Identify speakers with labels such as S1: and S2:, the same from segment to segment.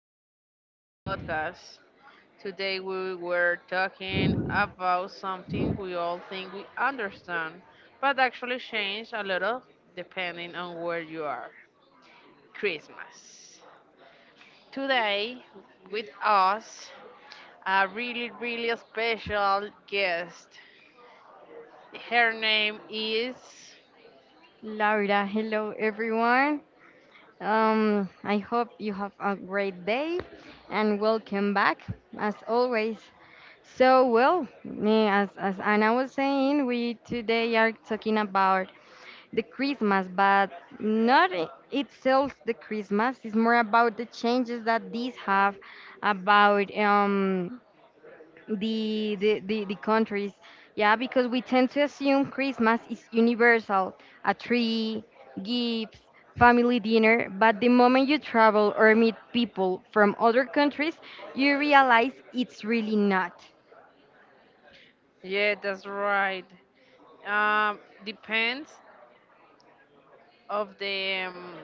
S1: our daily podcast. Today we were talking about something we all think we understand, but actually change a little depending on where you are. Christmas. Today, with us, a really, really special guest. Her name is.
S2: Laura. Hello, everyone. I hope you have a great day and welcome back as always. So, well, as Anna was saying, we today are talking about the Christmas, but not itself the Christmas. It's more about the changes that these have about. The countries, yeah, because we tend to assume Christmas is universal: a tree, gifts, family dinner. But the moment you travel or meet people from other countries, you realize it's really not.
S1: Yeah, that's right. Depends of the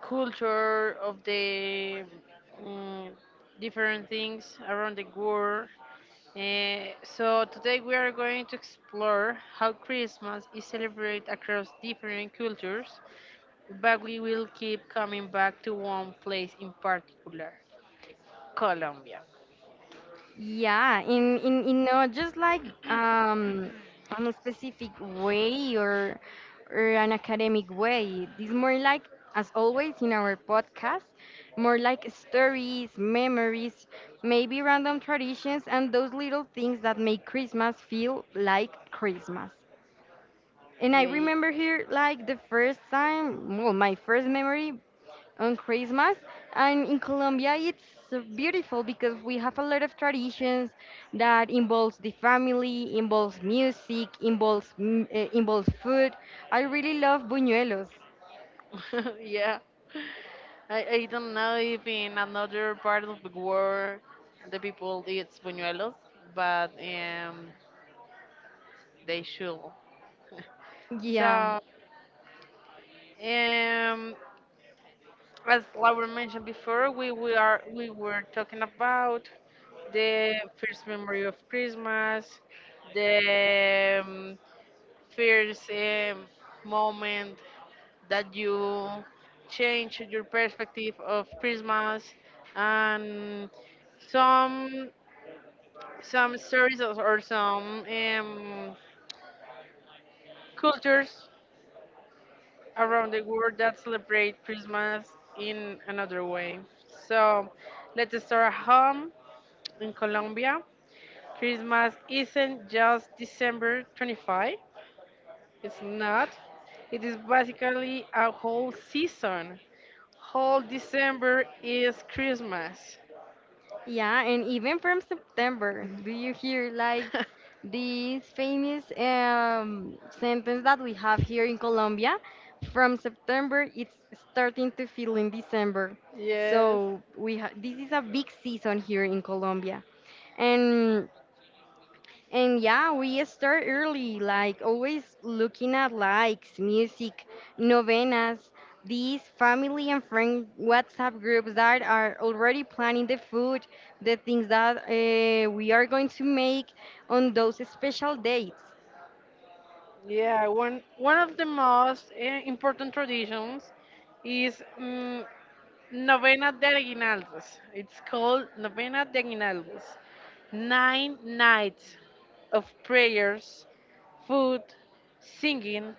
S1: culture, of the mm, different things around the world. So today we are going to explore how Christmas is celebrated across different cultures, but we will keep coming back to one place in particular, Colombia.
S2: Yeah, in not just like um on a specific way or an academic way. This more like, as always in our podcast, more like stories, memories, maybe random traditions and those little things that make Christmas feel like Christmas. And I
S1: Yeah,
S2: remember here, like, the first time, well, my first memory on Christmas. And in Colombia, it's so beautiful because we have a lot of traditions that involves the family, involves music, involves food. I really love buñuelos.
S1: yeah. I don't know if in another part of the world the people eat buñuelos, but they should.
S2: Yeah,
S1: So Um, as Laura mentioned before, we were talking about the first memory of Christmas, the first moment that you change your perspective of Christmas, and some some stories or some cultures around the world that celebrate Christmas in another way. So let's start at home in Colombia. Christmas isn't just December 25, it's not. It is basically a whole season. Whole December is Christmas.
S2: yeah, and even from September, do you hear like this famous sentence that we have here in Colombia? From September, it's starting to feel in December.
S1: Yes.
S2: So, this is a big season here in Colombia. and and yeah, we start early, like always looking at likes, music, novenas, these family and friend WhatsApp groups that are already planning the food, the things that we are going to make on those special dates.
S1: Yeah, one of the most important traditions is Novena de Aguinaldos. It's called Novena de Aguinaldos. Nine nights of prayers, food, singing,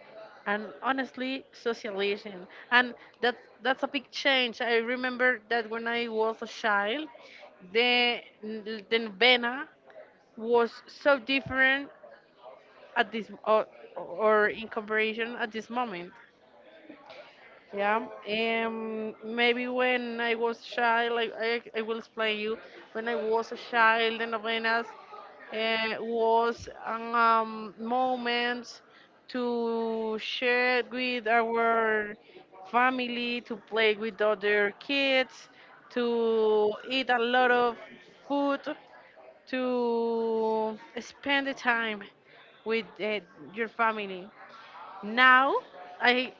S1: and honestly, socializing. And that's a big change. I remember that when I was a child, the novena was so different at this, or in comparison at this moment. Yeah, maybe when I was child, like I will explain you. When I was a child, the novenas was moments to share with our family, to play with other kids, to eat a lot of food, to spend the time with your family. Now, I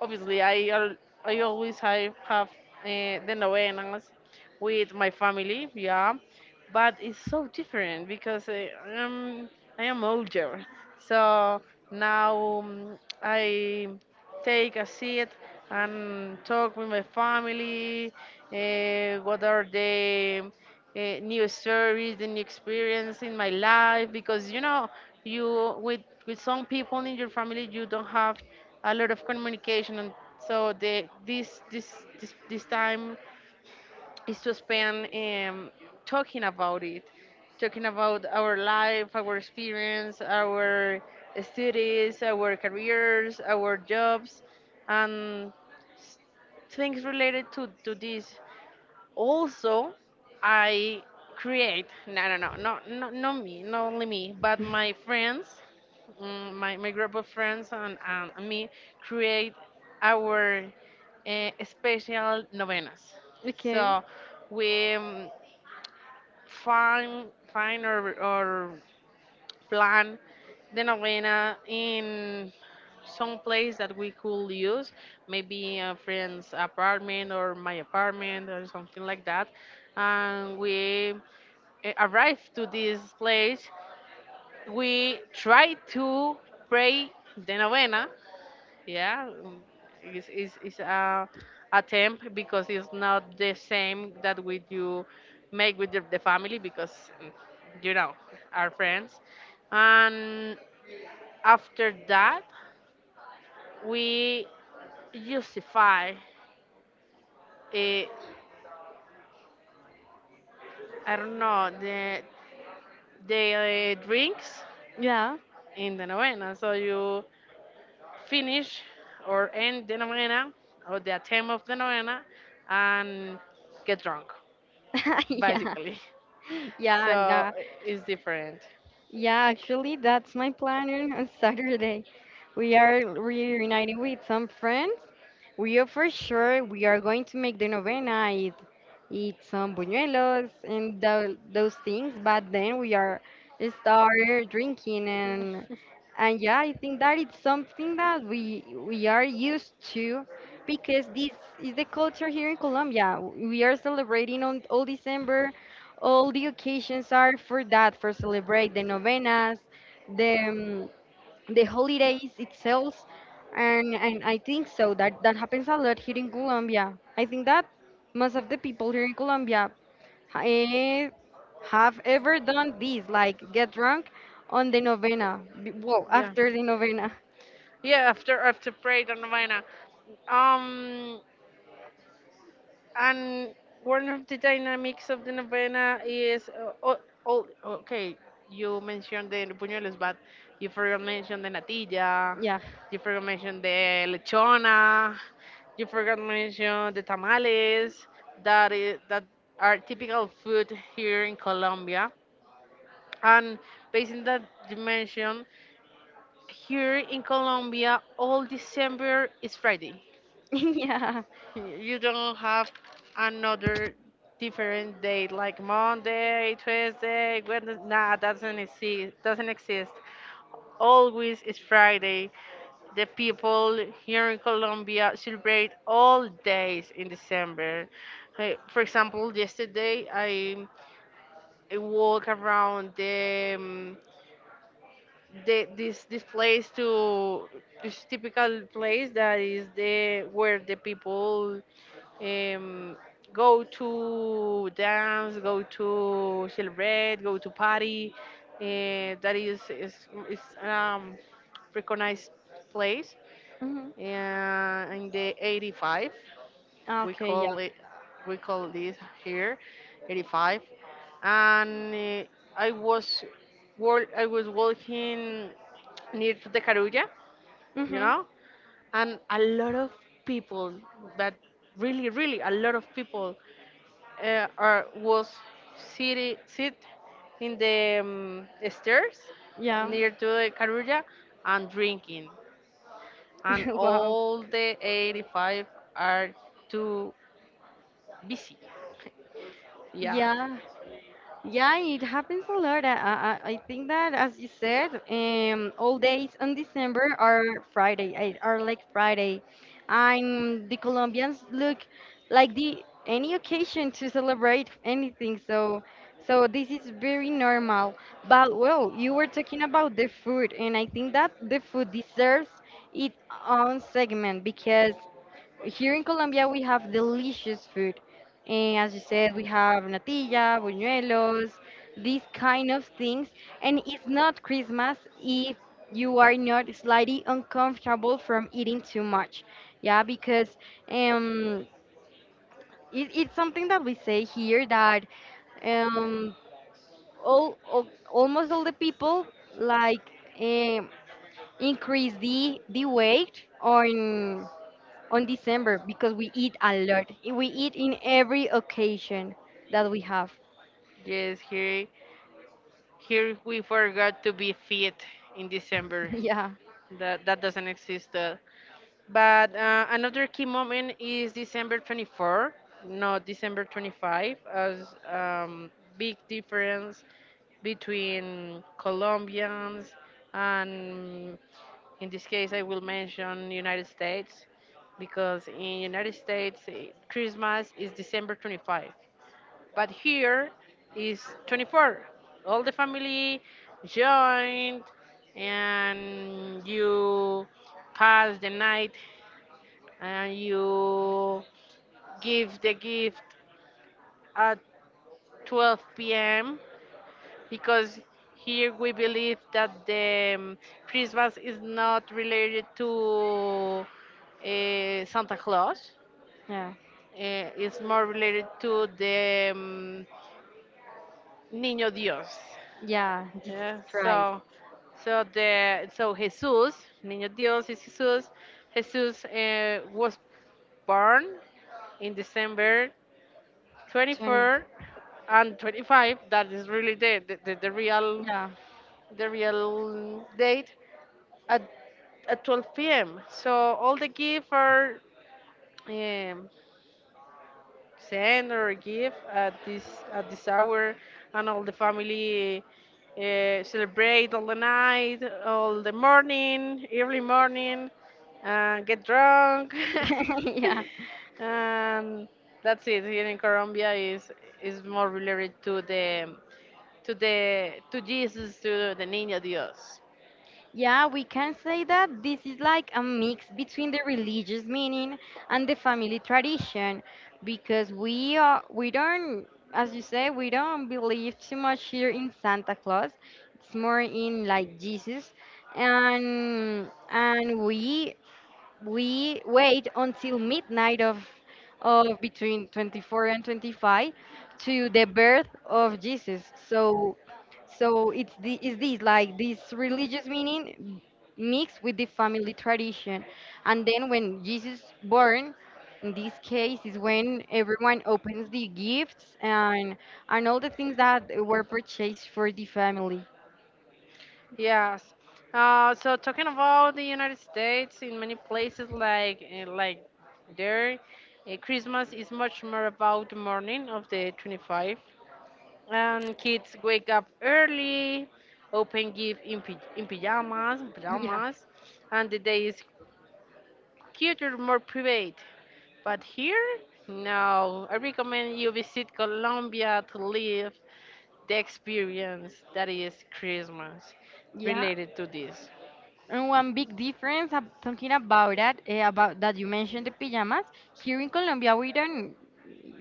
S1: obviously I al- I always I have the novenas with my family, yeah, but it's so different because um, I am older, so now I take a seat and talk with my family. What are the new stories, the new experience in my life? Because you with some people in your family, you don't have a lot of communication. And so the this this this this time is to spend talking about it, talking about our life, our experience, our studies, our careers, our jobs, and s- things related to this. Also, I create no, no, no, no, no, not me, not only me, but my friends, my group of friends, and me create our special novenas.
S2: Okay.
S1: So we find, find or plan the novena in some place that we could use, maybe a friend's apartment or my apartment or something like that. And we arrive to this place. We try to pray the novena. Yeah, it's a attempt because it's not the same that we do make with the family because mm, you know our friends, and after that we justify, eh, I don't know the drinks
S2: Yeah.
S1: in the novena. So you finish or end the novena or the attempt of the novena and get drunk
S2: Yeah.
S1: basically. So
S2: Yeah, nah.
S1: it's different.
S2: Yeah, actually that's my plan on Saturday. We are reuniting with some friends. We are, for sure. We are going to make the novena, eat some buñuelos and those things. But then we are start drinking, and yeah, I think that it's something that we are used to because this is the culture here in Colombia. We are celebrating on all December. All the occasions are for that, for celebrate the novenas, the um, the holidays itself, and I think so, that that happens a lot here in Colombia. I think that most of the people here in Colombia, eh, have ever done this, like get drunk on the novena, well,
S1: Yeah,
S2: after the novena.
S1: yeah. After Parade and Novena, um, and one of the dynamics of the Novena is— oh, oh, okay. You mentioned the buñuelos, but you forgot mention the natilla.
S2: Yeah.
S1: You forgot mention the lechona. You forgot mention the tamales. That are typical food here in Colombia. And based on that dimension, here in Colombia, all December is Friday.
S2: Yeah.
S1: You don't have another different day like Monday, Tuesday, Wednesday. Nah, doesn't exist. Doesn't exist. Always is Friday. The people here in Colombia celebrate all days in December. Hey, for example, yesterday I walk around the this place to this typical place that is the where the people um, go to dance, go to celebrate, go to party. That is recognized place
S2: Hmm.
S1: in the 85, we
S2: Okay. Yeah.
S1: call it we call this here 85. And i was I was walking near to the carulla, you
S2: Hmm.
S1: know and a lot of people, but really, really a lot of people, are was sit in the stairs
S2: Yeah.
S1: near to the carulla and drinking, and
S2: Wow.
S1: all the 85 are too busy, yeah.
S2: Yeah. Yeah, it happens a lot. I think that, as you said, all days on December are Friday, are like Friday. And the Colombians look like the any occasion to celebrate anything. So, this is very normal. But well, you were talking about the food, and I think that the food deserves its own segment because here in Colombia, we have delicious food. And as you said, we have natilla, buñuelos, these kind of things. And it's not Christmas if you are not slightly uncomfortable from eating too much. Yeah, because um, it's something that we say here, that um, all almost all the people, like, um, increase the weight on December because we eat a lot. We eat in every occasion that we have.
S1: Yes, here, we forgot to be fit in December.
S2: Yeah,
S1: That doesn't exist. But another key moment is December 24, not December 25, as, big difference between Colombians and, in this case, I will mention United States, because in United States, Christmas is December 25, but here is 24. All the family joined, and you pass the night, and you give the gift at 12 p.m., because here we believe that the Christmas is not related to Santa Claus.
S2: yeah,
S1: It's more related to the Niño Dios.
S2: yeah. Jesus
S1: Yeah,
S2: Christ.
S1: so so the so Jesus, Niño Dios is Jesus. Jesus was born in December
S2: 20.
S1: 24 and 25. That is really the the, the, the real
S2: Yeah.
S1: the real date at 12 p.m. So all the gifts are um, send or give at this hour, and all the family celebrate all the night, all the morning, early morning, and get drunk,
S2: Yeah.
S1: and that's it. Here in Colombia is more related to the, to the to Jesus, to the Niño Dios.
S2: Yeah, we can say that this is like a mix between the religious meaning and the family tradition, because we don't, as you say, we don't believe too much here in Santa Claus. It's more in, like, Jesus, and we wait until midnight of between 24 and 25 to the birth of Jesus. So so, it's the, is this like this religious meaning mixed with the family tradition. And then when Jesus born, in this case, is when everyone opens the gifts and all the things that were purchased for the family.
S1: Yes. So talking about the United States, in many places like, there, Christmas is much more about the morning of the 25, and kids wake up early, open gift in, pajamas,
S2: Yeah.
S1: and the day is cuter, more private. But here, no. I recommend you visit Colombia to live the experience that is Christmas
S2: Yeah.
S1: related to this.
S2: And one big difference, talking about that, about that you mentioned the pajamas. Here in Colombia, we don't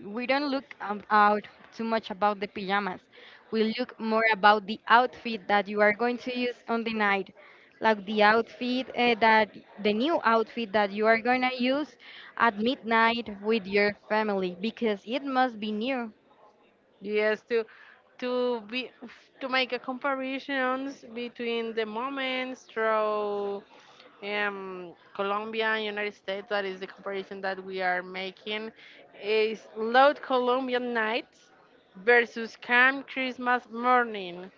S2: we don't look out too much about the pajamas. We look more about the outfit that you are going to use on the night, like the new outfit that you are going to use at midnight with your family because it must be new.
S1: Yes, to be to make a comparisons between the moments through, Colombia and United States. That is the comparison that we are making. Is loud Colombian nights versus calm Christmas morning.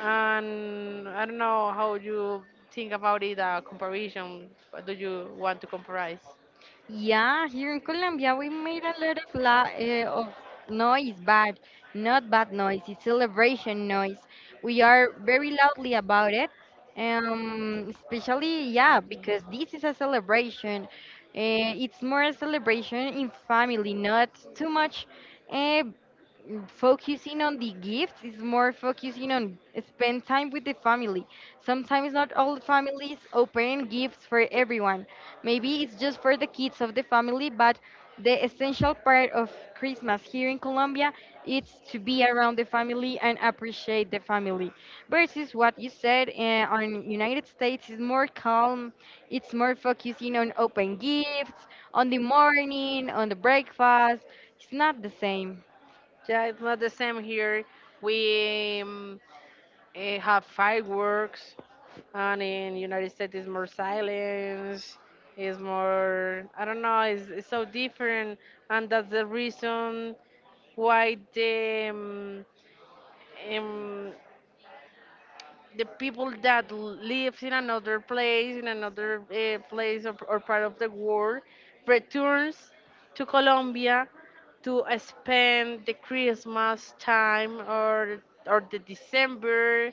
S1: And I don't know how you think about it. Comparison. What do you want to compare?
S2: Yeah, here in Colombia, we made a lot of la of noise, but not bad noise. It's celebration noise. We are very loudly about it, especially, yeah, because this is a celebration. It's more a celebration in family, not too much. Uh, focusing on the gifts is more focusing on spend time with the family. Sometimes not all families open gifts for everyone. Maybe it's just for the kids of the family, but the essential part of Christmas here in Colombia is to be around the family and appreciate the family. Versus what you said, on United States is more calm. It's more focusing on open gifts, on the morning, on the breakfast. It's not the same.
S1: Yeah, it's not the same here. We have fireworks, and in United States is more silence, is more, I don't know, it's so different, and that's the reason why um, the people that lives in another place, in another place, or part of the world, returns to Colombia to spend the Christmas time, or the December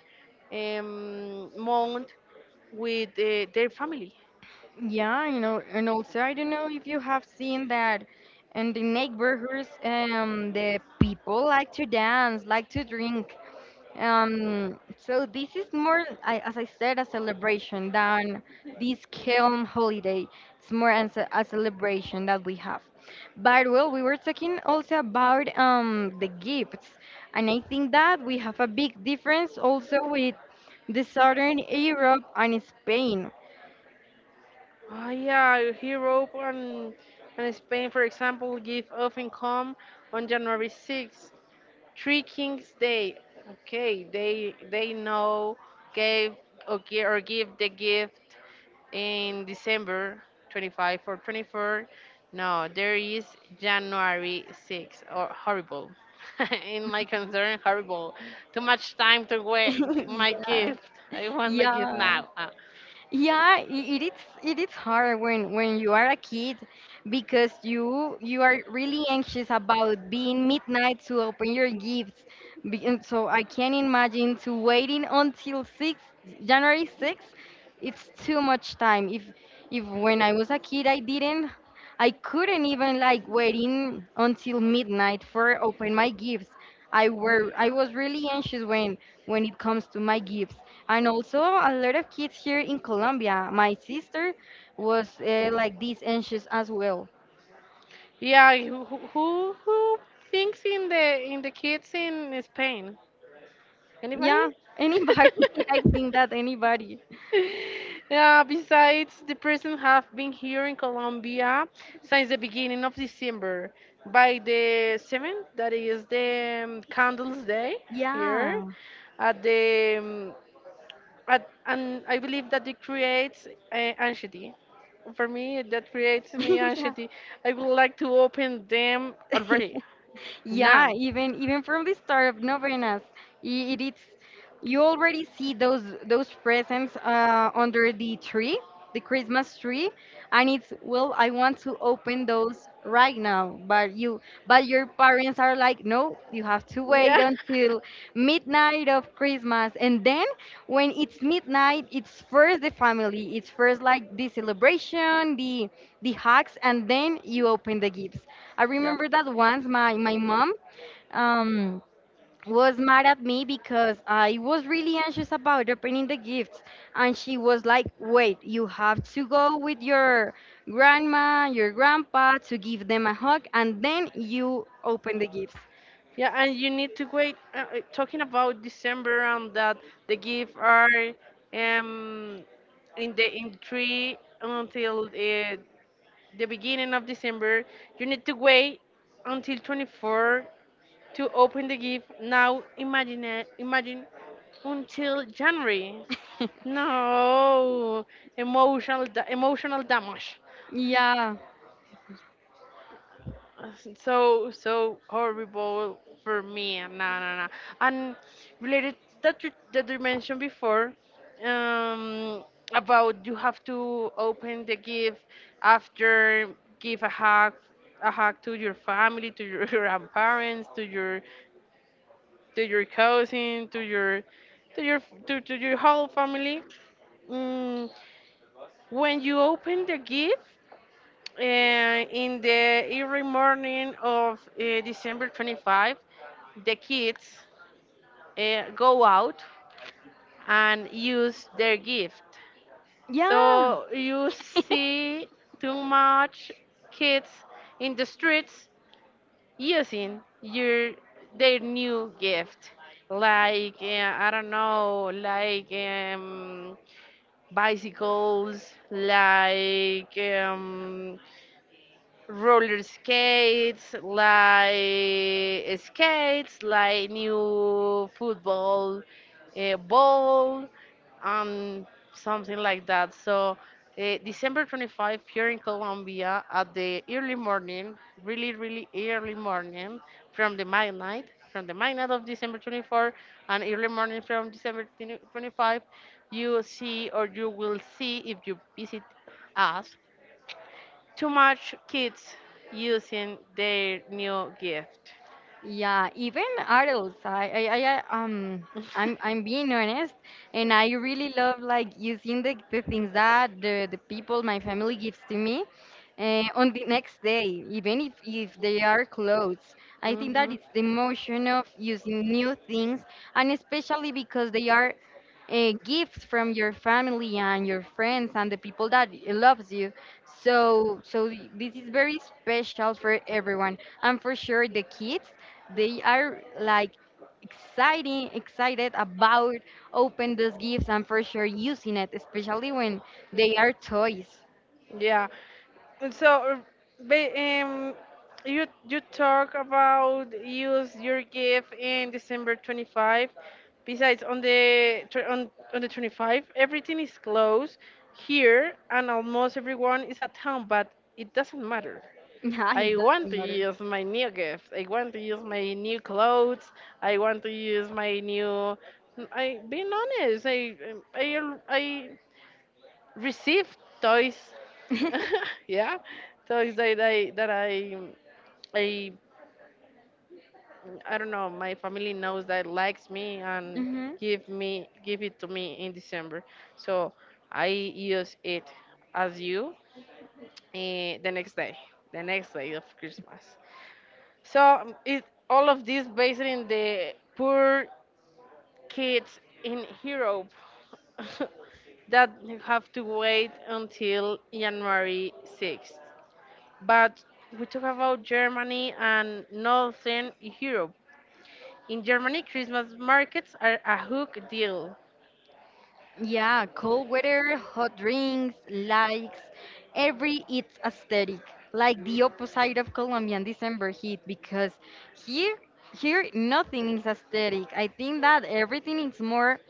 S1: month with their family.
S2: Yeah, and also I don't know if you have seen that in the neighborhoods, the people like to dance, like to drink. So this is more, I, as I said, a celebration than this calm holiday. It's more as a celebration that we have. But well, we were talking also about the gifts, and I think that we have a big difference also with the Southern Europe and Spain.
S1: Oh, yeah, Europe and, Spain, for example, give often come on January 6th, Three Kings Day. Okay, they know, gave or give, the gift in December 25 or 24. No, there is January 6th, or, horrible. In my concern, horrible. Too much time to wait. My
S2: Yeah.
S1: gift. I want my gift
S2: Yeah,
S1: now. Ah.
S2: yeah, it is hard when you are a kid, because you are really anxious about being midnight to open your gifts. And so, I can't imagine to waiting until 6 January 6th. It's too much time. If, when I was a kid, I couldn't even, like, waiting until midnight for open my gifts. I was really anxious when it comes to my gifts. And also, a lot of kids here in Colombia. My sister was like this anxious as well.
S1: Yeah, who thinks in the kids in Spain? Anybody?
S2: Yeah, anybody. I think that anybody.
S1: Yeah, besides, the person have been here in Colombia since the beginning of December. By the 7th, that is the Candles Day
S2: Yeah.
S1: here at the um, and I believe that it creates anxiety. For me, that creates me anxiety. I would like to open them
S2: Yeah.
S1: already
S2: Yeah,
S1: now.
S2: even from the start of novenas, it is, you already see those presents under the tree, the Christmas tree. And it's, well, I want to open those right now, but you but your parents are like, no, you have to wait
S1: Yeah.
S2: until midnight of Christmas. And then when it's midnight, it's first the family, it's first like the celebration, the hugs, and then you open the gifts. I
S1: Yeah.
S2: remember that once my mom, um, was mad at me because I was really anxious about opening the gifts. And she was like, wait, you have to go with your grandma, your grandpa to give them a hug, and then you open the gifts.
S1: Yeah, and you need to wait. Talking about December, and that the gifts are um in the in three until the beginning of December. You need to wait until 24 to open the gift. Now imagine, imagine until January. No, emotional damage.
S2: Yeah.
S1: Uh, so horrible for me. No, no, no. And related that you mentioned before, um, about you have to open the gift after give a hug, to your family, to your grandparents, to your cousin, to your to your whole family. Mm, When you open the gift in the early morning of December 25, the kids go out and use their gift.
S2: Yeah.
S1: So you see too much kids in the streets using your their new gift, like, I don't know, like, bicycles, like, roller skates, like new football ball, um, something like that. So December 25 here in Colombia at the early morning, really, really early morning, from the midnight, from the midnight of December 24 and early morning from December 20 25, you see, or you will see if you visit us, too much kids using their new gift.
S2: Yeah, even adults. I'm being honest, and I really love, like, using the things that the people my family gives to me, on the next day, even if they are clothes. I think that
S1: Mhm.
S2: it's the motion of using new things, and especially because they are gifts from your family and your friends and the people that loves you. So, this is very special for everyone and for sure the kids. They are like, excited about open those gifts and for sure using it, especially when they are toys.
S1: Yeah. So, uh, ba- um, you talk about use your gift in December 25. Besides, on the 25, everything is closed here, and almost everyone is at home. But it doesn't matter.
S2: Yeah,
S1: I
S2: it
S1: want
S2: doesn't
S1: to
S2: matter.
S1: use my new gift. I want to use my new clothes. I want to use my new. I being honest, I I received toys. Yeah, toys that I I don't know. My family knows that likes me and
S2: Hmm.
S1: give it to me in December. So I use it as you eh, the next day, the next day of Christmas. So it all of this based in the poor kids in Europe. That have to wait until January 6th. But we talk about Germany and Northern Europe. In Germany, Christmas markets are a hook deal.
S2: Yeah, cold weather, hot drinks, likes, every, it's aesthetic. Like the opposite of Colombian December heat, because here here nothing is aesthetic. I think that everything is more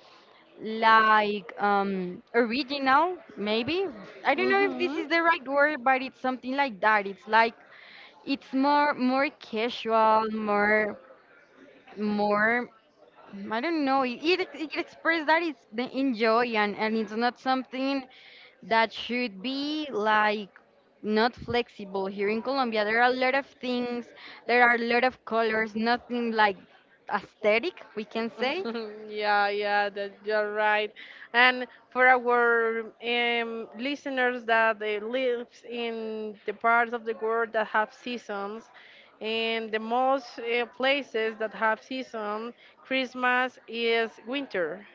S2: like, original, maybe. I don't know if this
S1: Hmm.
S2: is the right word, but it's something like that. It's like, it's more casual, more, I don't know. It expresses that it's the enjoy, and it's not something that should be, like, not flexible. Here in Colombia, there are a lot of things, there are a lot of colors, nothing like aesthetic, we can say.
S1: Yeah, yeah, that you're right. And for our listeners that they lives in the parts of the world that have seasons, and the most places that have season, Christmas is winter.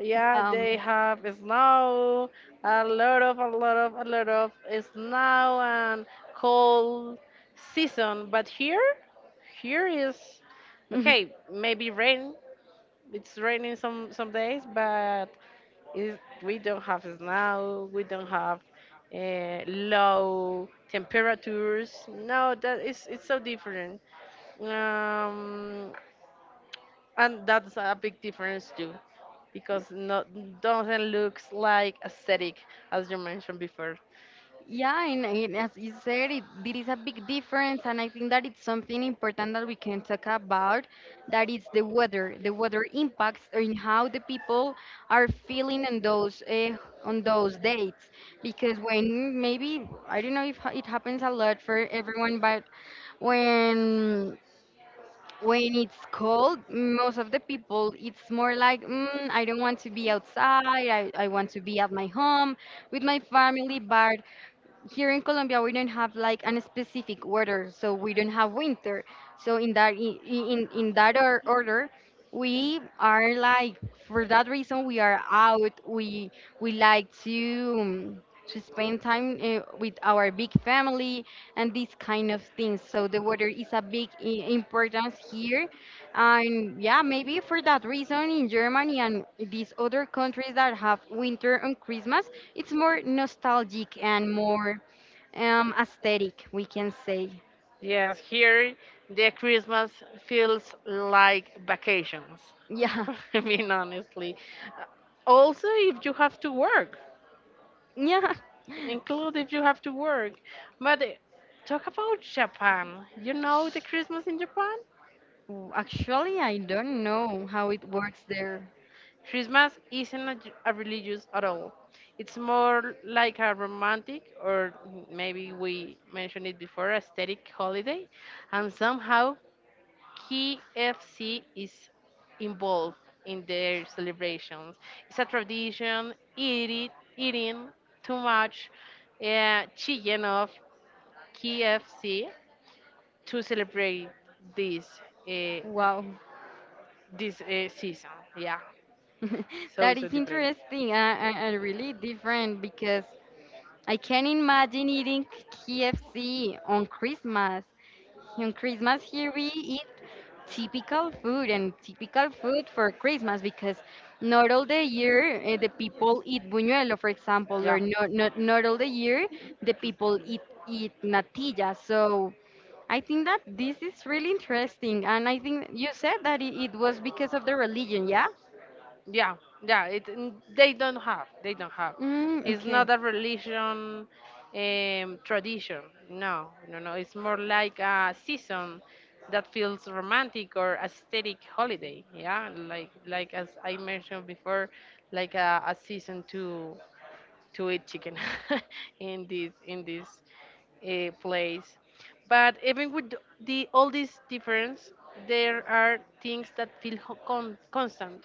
S1: Yeah,
S2: um
S1: they have snow, a lot of snow and cold season. But here, here is okay. Maybe rain. It's raining some days, but is we don't have snow. We don't have low temperatures. No, that is it's so different. Um, and that's a big difference too because no doesn't looks like aesthetic as you mentioned before.
S2: Yeah, and as you said, there is a big difference, and I think that it's something important that we can talk about. That is the weather. The weather impacts on how the people are feeling on those dates. Because when, maybe, I don't know if it happens a lot for everyone, but when when it's cold, most of the people it's more like, I don't want to be outside. I want to be at my home with my family, but here in Colombia we don't have like an specific weather, so we don't have winter. So in that order, we are like, for that reason, we are out. We like um, to spend time with our big family and these kind of things. So the weather is a big importance here, and yeah, maybe for that reason, in Germany and these other countries that have winter and Christmas, it's more nostalgic and more, aesthetic, we can say.
S1: Yes, here the Christmas feels like vacations.
S2: Yeah.
S1: I mean, honestly. Uh, Also if you have to work,
S2: Yeah.
S1: include if you have to work, but talk about Japan, you know the Christmas in Japan.
S2: Actually, I don't know how it works there.
S1: Christmas isn't a religious at all. It's more like a romantic, or maybe we mentioned it before, aesthetic holiday, and somehow KFC is involved in their celebrations. It's a tradition, eating too much, chicken of KFC to celebrate this uh,
S2: Wow.
S1: this season. Yeah, so
S2: That
S1: so
S2: is
S1: different.
S2: interesting, and really different, because I can imagine eating KFC on Christmas. On Christmas here we eat typical food, and typical food for Christmas because not all the year, the people eat buñuelo, for example.
S1: Yeah.
S2: Or not all the year the people eat natilla. So I think that this is really interesting, and I think you said that it was because of the religion, yeah?
S1: Yeah, yeah. It n- they don't have. They don't have.
S2: Mm,
S1: It's
S2: okay.
S1: not a religion tradition. No, no, no. It's more like a season that feels romantic or aesthetic holiday. Yeah, like as I mentioned before, like a season to eat chicken in this place. But even with the all these difference, there are things that feel constant: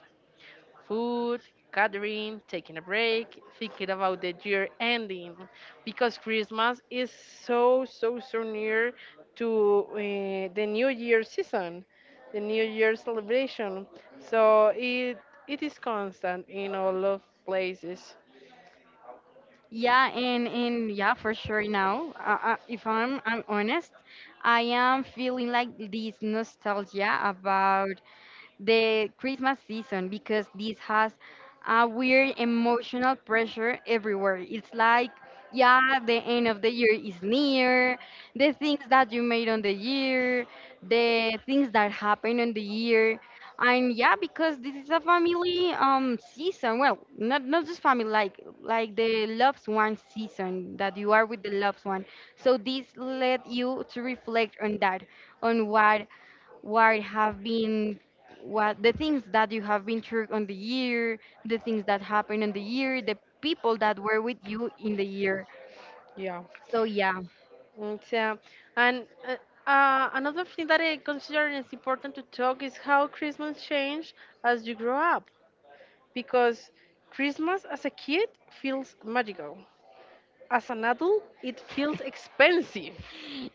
S1: food, gathering, taking a break, thinking about the year ending because Christmas is so, so, so near to the New Year season, the New Year celebration. So it is constant in all of places.
S2: Yeah, and yeah, for sure. Now, if I'm honest, I am feeling like this nostalgia about the Christmas season, because this has a weird emotional pressure everywhere. It's like, yeah, the end of the year is near, the things that you made on the year, the things that happen on the year. And yeah, because this is a family season. Well, not just family, like the loved one season, that you are with the loved one. So this led you to reflect on that, on what have been what the things that you have been through on the year, the things that happened on the year, the people that were with you in the year.
S1: Yeah.
S2: So yeah.
S1: It's, and Another thing that I consider is important to talk is how Christmas changed as you grow up because Christmas as a kid feels magical. As an adult, it feels expensive.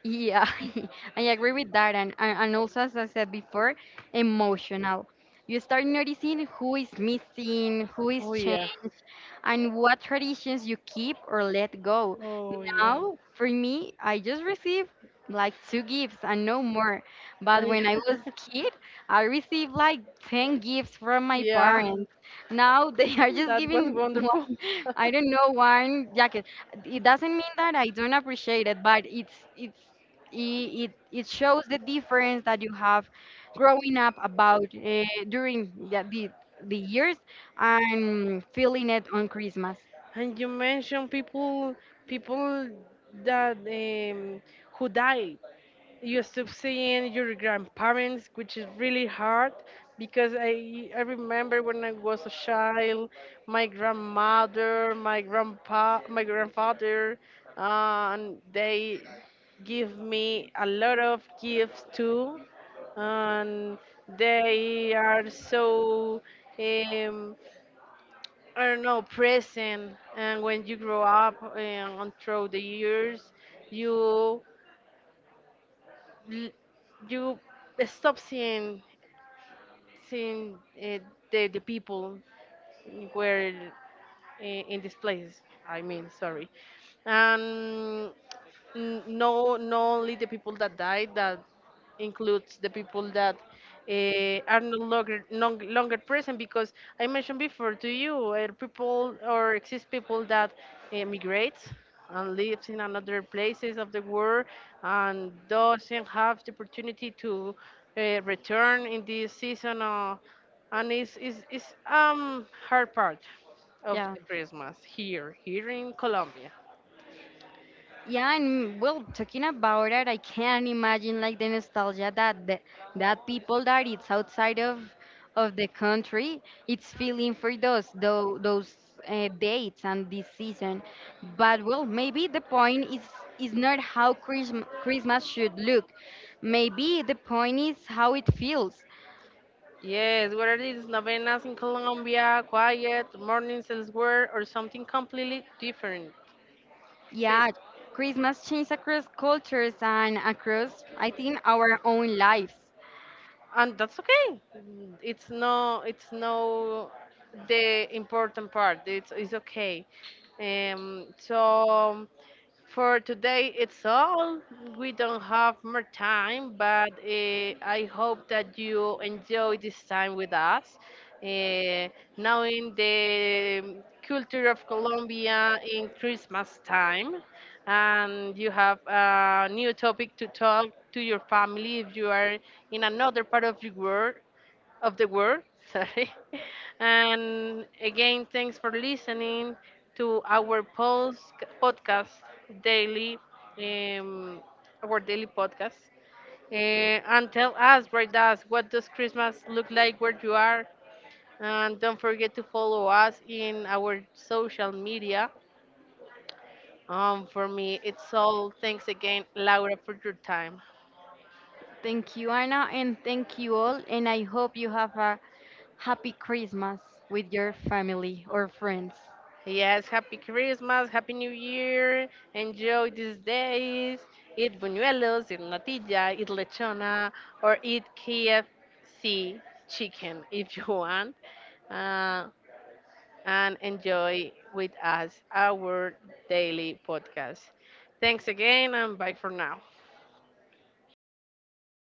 S2: Yeah. I agree with that. And also, as I said before, emotional. You start noticing who is missing, who is
S1: Oh yeah.
S2: changed, and what traditions you keep or let go.
S1: Oh yeah.
S2: Now, for me, I just received like two gifts and no more. But
S1: I-
S2: when I was kid, I received like 10 gifts from my
S1: yeah,
S2: parents. Now, they are just
S1: that was
S2: giving
S1: wonderful.
S2: one, I don't know, one jacket. It doesn't mean that I don't appreciate it, but it's it shows the difference that you have growing up about, during the years, and feeling it on Christmas.
S1: And you mentioned people that who die, you stop seeing your grandparents, which is really hard because I remember when I was a child, my grandmother, my grandpa, my grandfather, and they give me a lot of gifts too, and they are so, um, I don't know, present. And when you grow up, and through the years, you l- you stop seeing the people where in these places. I mean, sorry, and no, not only the people that died, that includes the people that are no longer present because I mentioned before to you, people or exist people that emigrate and lives in another places of the world and doesn't have the opportunity to return in this season, and it's hard part of
S2: Yeah.
S1: the Christmas here here in Colombia.
S2: Yeah, and well, talking about it, I can imagine like the nostalgia that that people that it's outside of the country, it's feeling for those dates and this season. But well, maybe the point is not how Christmas should look. Maybe the point is how it feels.
S1: Yes, whether it's novenas in Colombia, quiet mornings elsewhere, or something completely different, Cre-
S2: Yeah, Christmas changes across cultures and across, I think, our own lives.
S1: and that's okay. Mm, it's no, the important part. It's okay. So for today, it's all. We don't have more time, but I hope that you enjoy this time with us. Uh, Now, in the culture of Colombia, in Christmas time, and you have a new topic to talk to your family if you are in another part of the world of the world. Sorry. And again, thanks for listening to our post podcast daily, um, our daily podcast. And tell us, write us, what does Christmas look like where you are? And don't forget to follow us in our social media. For me, it's all. Thanks again, Laura, for your time.
S2: Thank you, Anna, and thank you all. And I hope you have a happy Christmas with your family or friends.
S1: Yes, happy Christmas, happy New Year. Enjoy these days. Eat buñuelos, eat natilla, eat lechona, or eat KFC chicken if you want. Uh, and enjoy with us our daily podcast. Thanks again and bye for now.